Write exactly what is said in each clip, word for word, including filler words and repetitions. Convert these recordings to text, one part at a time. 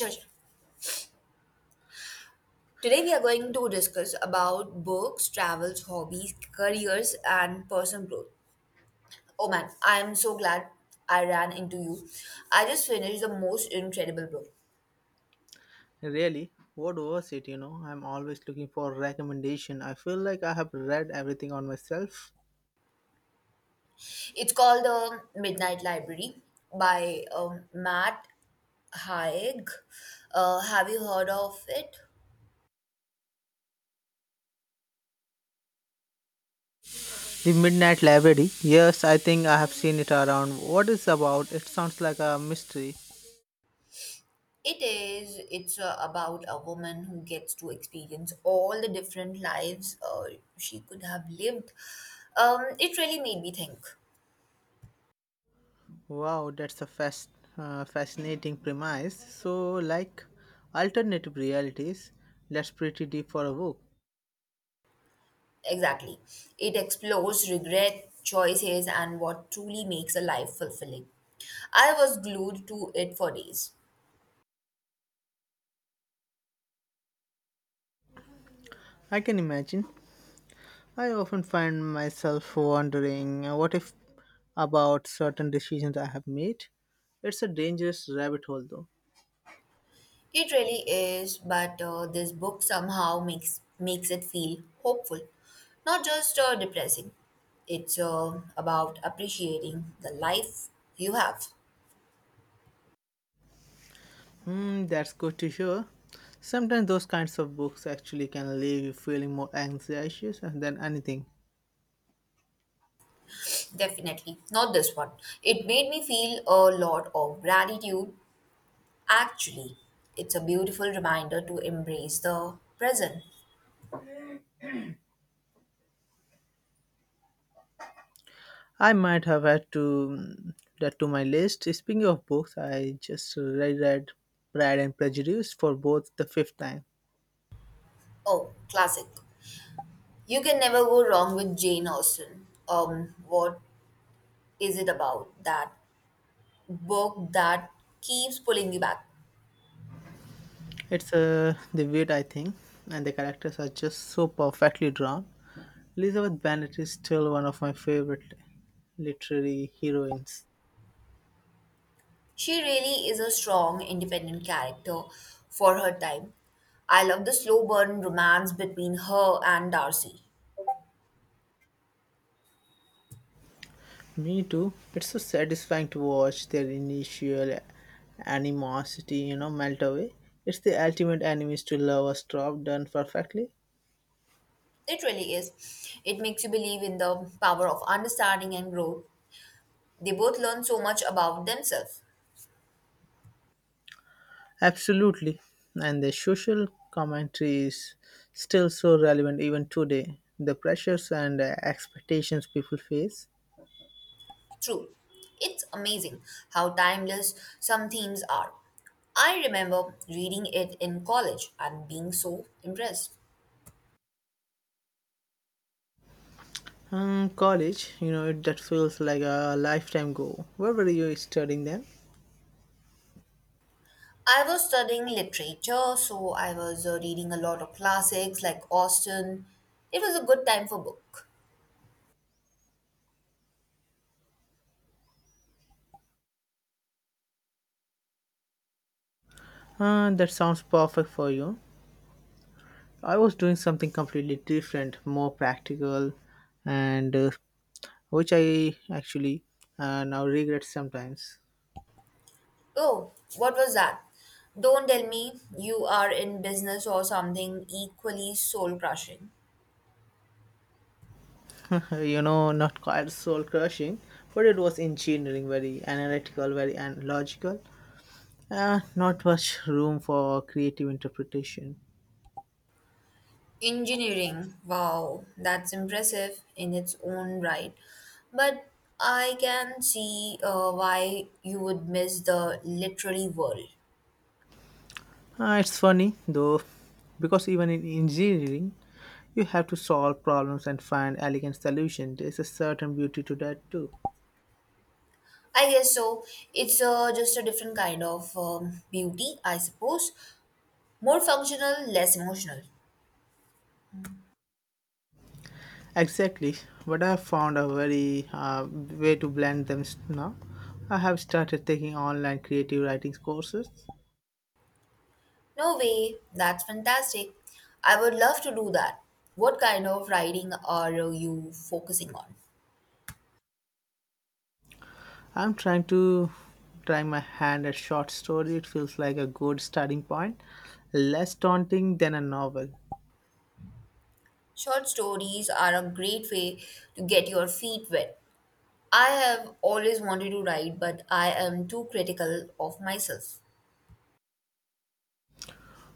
Sure, sure. Today we are going to discuss about books, travels, hobbies, careers, and personal growth. Oh man, I am so glad I ran into you. I just finished the most incredible book. Really, what was it? You know, I'm always looking for recommendation. I feel like I have read everything on myself. It's called The Midnight Library by um, Matt Haig. Uh, have you heard of it? The Midnight Library. Yes, I think I have seen it around. What is about? It sounds like a mystery. It is. It's uh, about a woman who gets to experience all the different lives uh, she could have lived. Um, it really made me think. Wow, that's a fast, uh, fascinating premise. So, like alternative realities. That's pretty deep for a book. Exactly. It explores regret, choices, and what truly makes a life fulfilling. I was glued to it for days. I can imagine. I often find myself wondering, uh, what if about certain decisions I have made? It's a dangerous rabbit hole, though. It really is, but uh, this book somehow makes makes it feel hopeful, not just uh, depressing. It's uh, about appreciating the life you have. Hmm, that's good to hear. Sometimes those kinds of books actually can leave you feeling more anxious than anything. Definitely not this one. It made me feel a lot of gratitude. Actually, it's a beautiful reminder to embrace the present. I might have had to mm, that to my list. Speaking of books, I just reread Pride and Prejudice for both the fifth time. Oh, classic. You can never go wrong with Jane Austen. Um, what is it about that book that keeps pulling you back? It's uh, the weight I think, and the characters are just so perfectly drawn. Elizabeth Bennet is still one of my favorite literary heroines. She really is a strong, independent character for her time. I love the slow burn romance between her and Darcy. Me too. It's so satisfying to watch their initial animosity, you know, melt away. It's the ultimate enemies to lovers drop done perfectly. It really is. It makes you believe in the power of understanding and growth. They both learn so much about themselves. Absolutely. And the social commentary is still so relevant even today. The pressures and uh, expectations people face. True. It's amazing how timeless some themes are. I remember reading it in college and being so impressed. Um, college, you know, it, that feels like a lifetime ago. Where were you studying then? I was studying literature, so I was uh, reading a lot of classics like Austen. It was a good time for book. Uh, that sounds perfect for you. I was doing something completely different, more practical, and uh, which I actually uh, now regret sometimes. Oh, what was that? Don't tell me you are in business or something equally soul crushing. you know, not quite soul crushing, but it was engineering, very analytical, very and logical. Uh, not much room for creative interpretation. Engineering, wow, that's impressive in its own right. But I can see uh, why you would miss the literary world. Uh, it's funny though, because even in engineering, you have to solve problems and find elegant solutions. There's a certain beauty to that too. I guess so. It's uh, just a different kind of um, beauty, I suppose. More functional, less emotional. Exactly. But I have found a very uh, way to blend them s- now. I have started taking online creative writing courses. No way, that's fantastic. I would love to do that. What kind of writing are you focusing on? I'm trying to Try my hand at short story. It feels like a good starting point, less daunting than a novel. Short stories are a great way to get your feet wet. I have always wanted to write, but I am too critical of myself.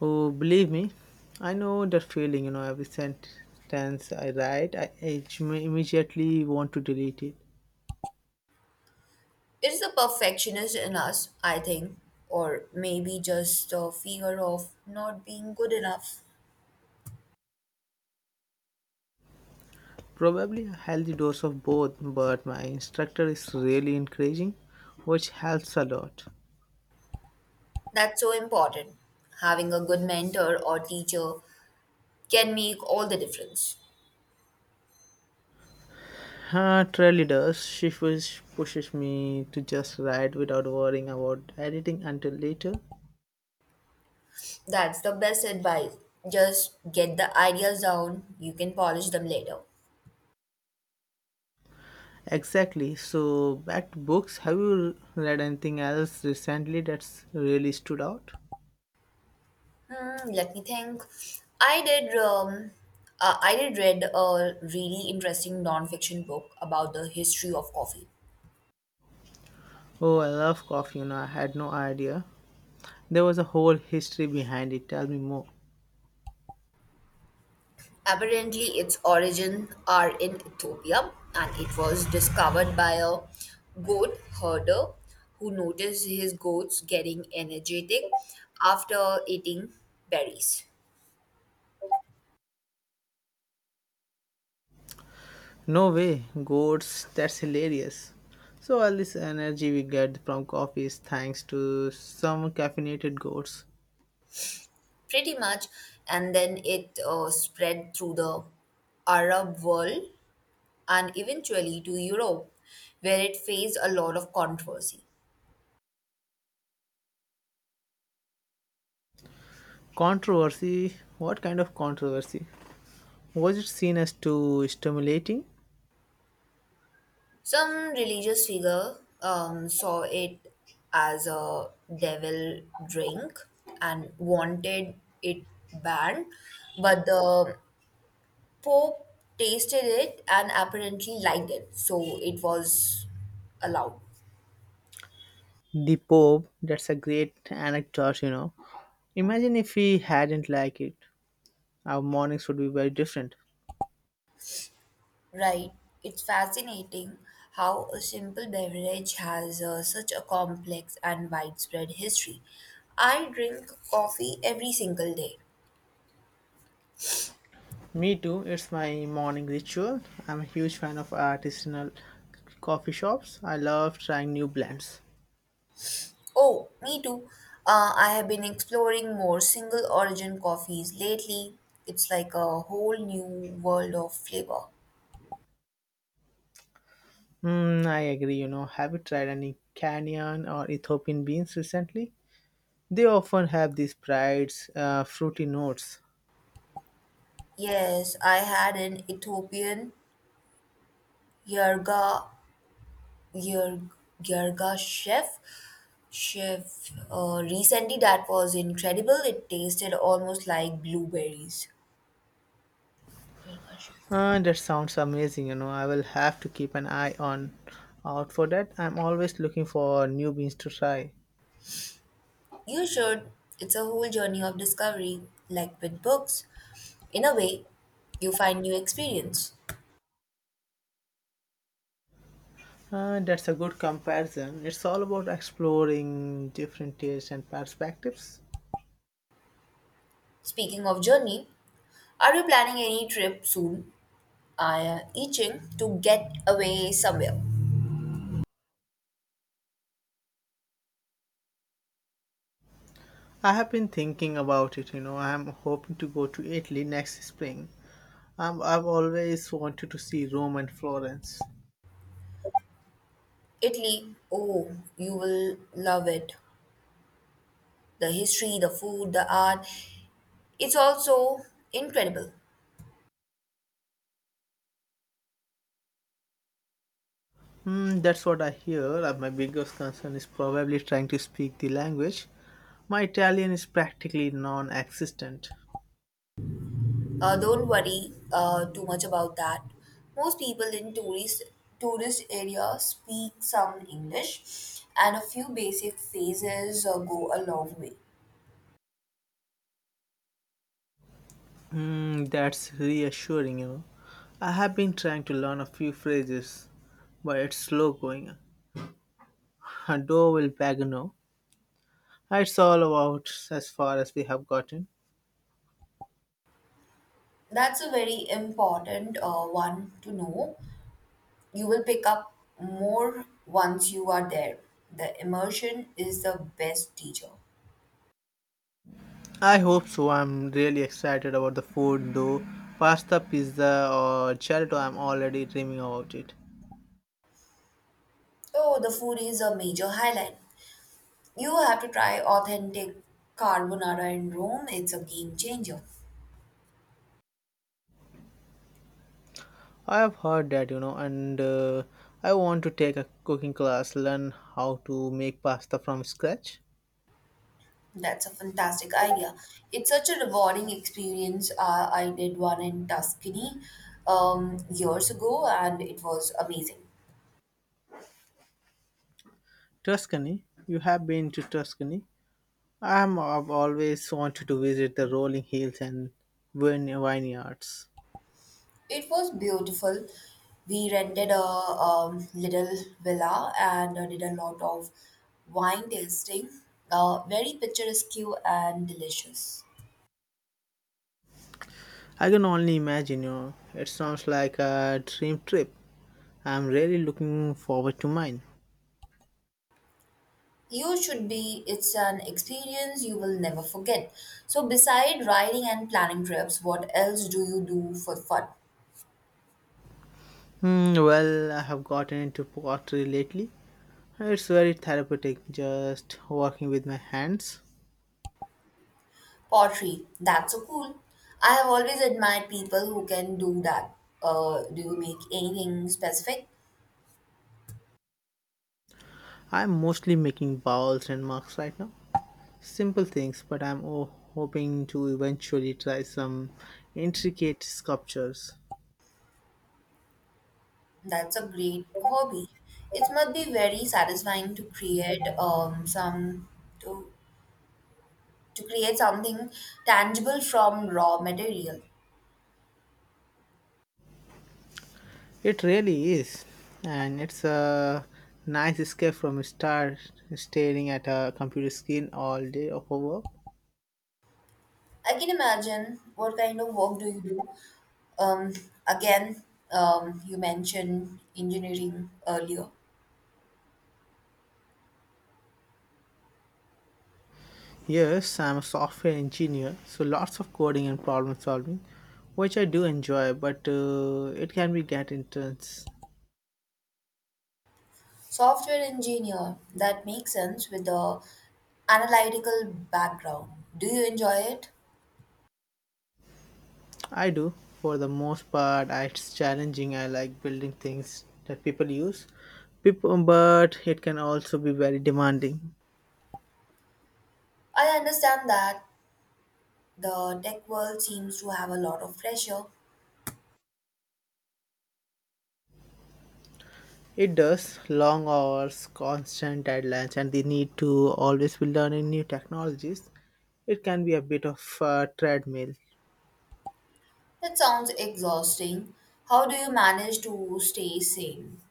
Oh, believe me, I know that feeling. You know, every sentence I write, I I immediately want to delete it. It's the perfectionist in us, I think, or maybe just the fear of not being good enough. Probably a healthy dose of both, but my instructor is really encouraging, which helps a lot. That's so important. Having a good mentor or teacher can make all the difference. Huh, truly does. She push, pushes me to just write without worrying about editing until later. That's the best advice. Just get the ideas down, you can polish them later. Exactly. So, back to books. Have you read anything else recently that's really stood out? Hmm, let me think. I did. Um, uh, I did read a really interesting non-fiction book about the history of coffee. Oh, I love coffee, you know. I had no idea. There was a whole history behind it. Tell me more. Apparently, its origin are in Ethiopia, and it was discovered by a goat herder who noticed his goats getting energetic after eating berries, No way. Goats. That's hilarious. So, all this energy we get from coffee is thanks to some caffeinated goats. pretty much, and then it uh, spread through the Arab world and eventually to Europe, where it faced a lot of controversy. Controversy. What kind of controversy? Was it seen as too stimulating? Some religious figure um, saw it as a devil drink and wanted it banned, but the Pope tasted it and apparently liked it, so it was allowed. The Pope, that's a great anecdote, you know. Imagine if he hadn't liked it. Our mornings would be very different. Right. It's fascinating how a simple beverage has uh, such a complex and widespread history. I drink coffee every single day. Me too. It's my morning ritual. I'm a huge fan of artisanal coffee shops. I love trying new blends. Oh, me too. Uh, I have been exploring more single origin coffees lately. It's like a whole new world of flavor. Mm, I agree. You know, have you tried any Kenyan or Ethiopian beans recently? They often have these bright, uh, fruity notes. Yes, I had an Ethiopian yerga Yer- Yergashev chef uh, recently that was incredible. It tasted almost like blueberries. Yergashev. Uh, that sounds amazing. You know, I will have to keep an eye on out for that. I'm always looking for new beans to try. You should. It's a whole journey of discovery, like with books. In a way, you find new experience. Uh, that's a good comparison. It's all about exploring different tastes and perspectives. Speaking of journey, are you planning any trip soon? I am itching to get away somewhere. I have been thinking about it. You know, I'm hoping to go to Italy next spring. Um, I've always wanted to see Rome and Florence. Italy, oh, you will love it. The history, the food, the art. It's also incredible. Hmm, that's what I hear. Uh, My biggest concern is probably trying to speak the language. My Italian is practically non existent. Uh, don't worry uh, too much about that. Most people in tourist tourist areas speak some English, and a few basic phrases uh, go a long way. Hmm, that's reassuring, you know. I have been trying to learn a few phrases, but it's slow going. Hado will pagano. It's all about as far as we have gotten. That's a very important uh, one to know. You will pick up more once you are there. The immersion is the best teacher. I hope so. I'm really excited about the food though. Pasta, pizza, or gelato, I'm already dreaming about it. Oh, the food is a major highlight. You have to try authentic carbonara in Rome. It's a game changer. I have heard that, you know, and uh, I want to take a cooking class, learn how to make pasta from scratch. That's a fantastic idea. It's such a rewarding experience. Uh, I did one in Tuscany um, years ago and it was amazing. Tuscany, you have been to Tuscany. I'm, I've always wanted to visit the rolling hills and vine- vineyards. It was beautiful. We rented a um, little villa and uh, did a lot of wine tasting. Uh, very picturesque and delicious. I can only imagine, you know, it sounds like a dream trip. I'm really looking forward to mine. You should be, it's an experience you will never forget. So, beside riding and planning trips, what else do you do for fun? Hmm, well, I have gotten into pottery lately. It's very therapeutic just working with my hands. Pottery, that's so cool. I have always admired people who can do that. Uh, do you make anything specific? I'm mostly making bowls and mugs right now. Simple things, but I'm oh, hoping to eventually try some intricate sculptures. That's a great hobby. It must be very satisfying to create um some to to create something tangible from raw material. It really is, and it's a nice escape from star staring at a computer screen all day of work. I can imagine what kind of work do you do? Um, again, um, you mentioned engineering earlier. Yes, I'm a software engineer, so lots of coding and problem solving, which I do enjoy, but uh, it can be get intense. Software engineer, that makes sense with the analytical background. Do you enjoy it? I do, for the most part, I- it's challenging. I like building things that people use, people, but it can also be very demanding. I understand that the tech world seems to have a lot of pressure. It does. Long hours, constant deadlines, and the need to always be learning new technologies. It can be a bit of a treadmill. It sounds exhausting. How do you manage to stay sane?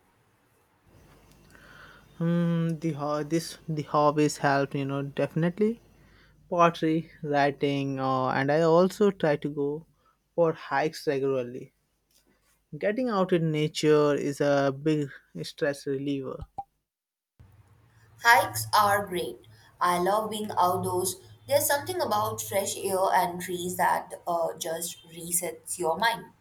Hmm. the ho- this The hobbies help, you know, definitely. Pottery, writing, uh, and I also try to go for hikes regularly. Getting out in nature is a big stress reliever. Hikes are great. I love being outdoors. There's something about fresh air and trees that uh, just resets your mind.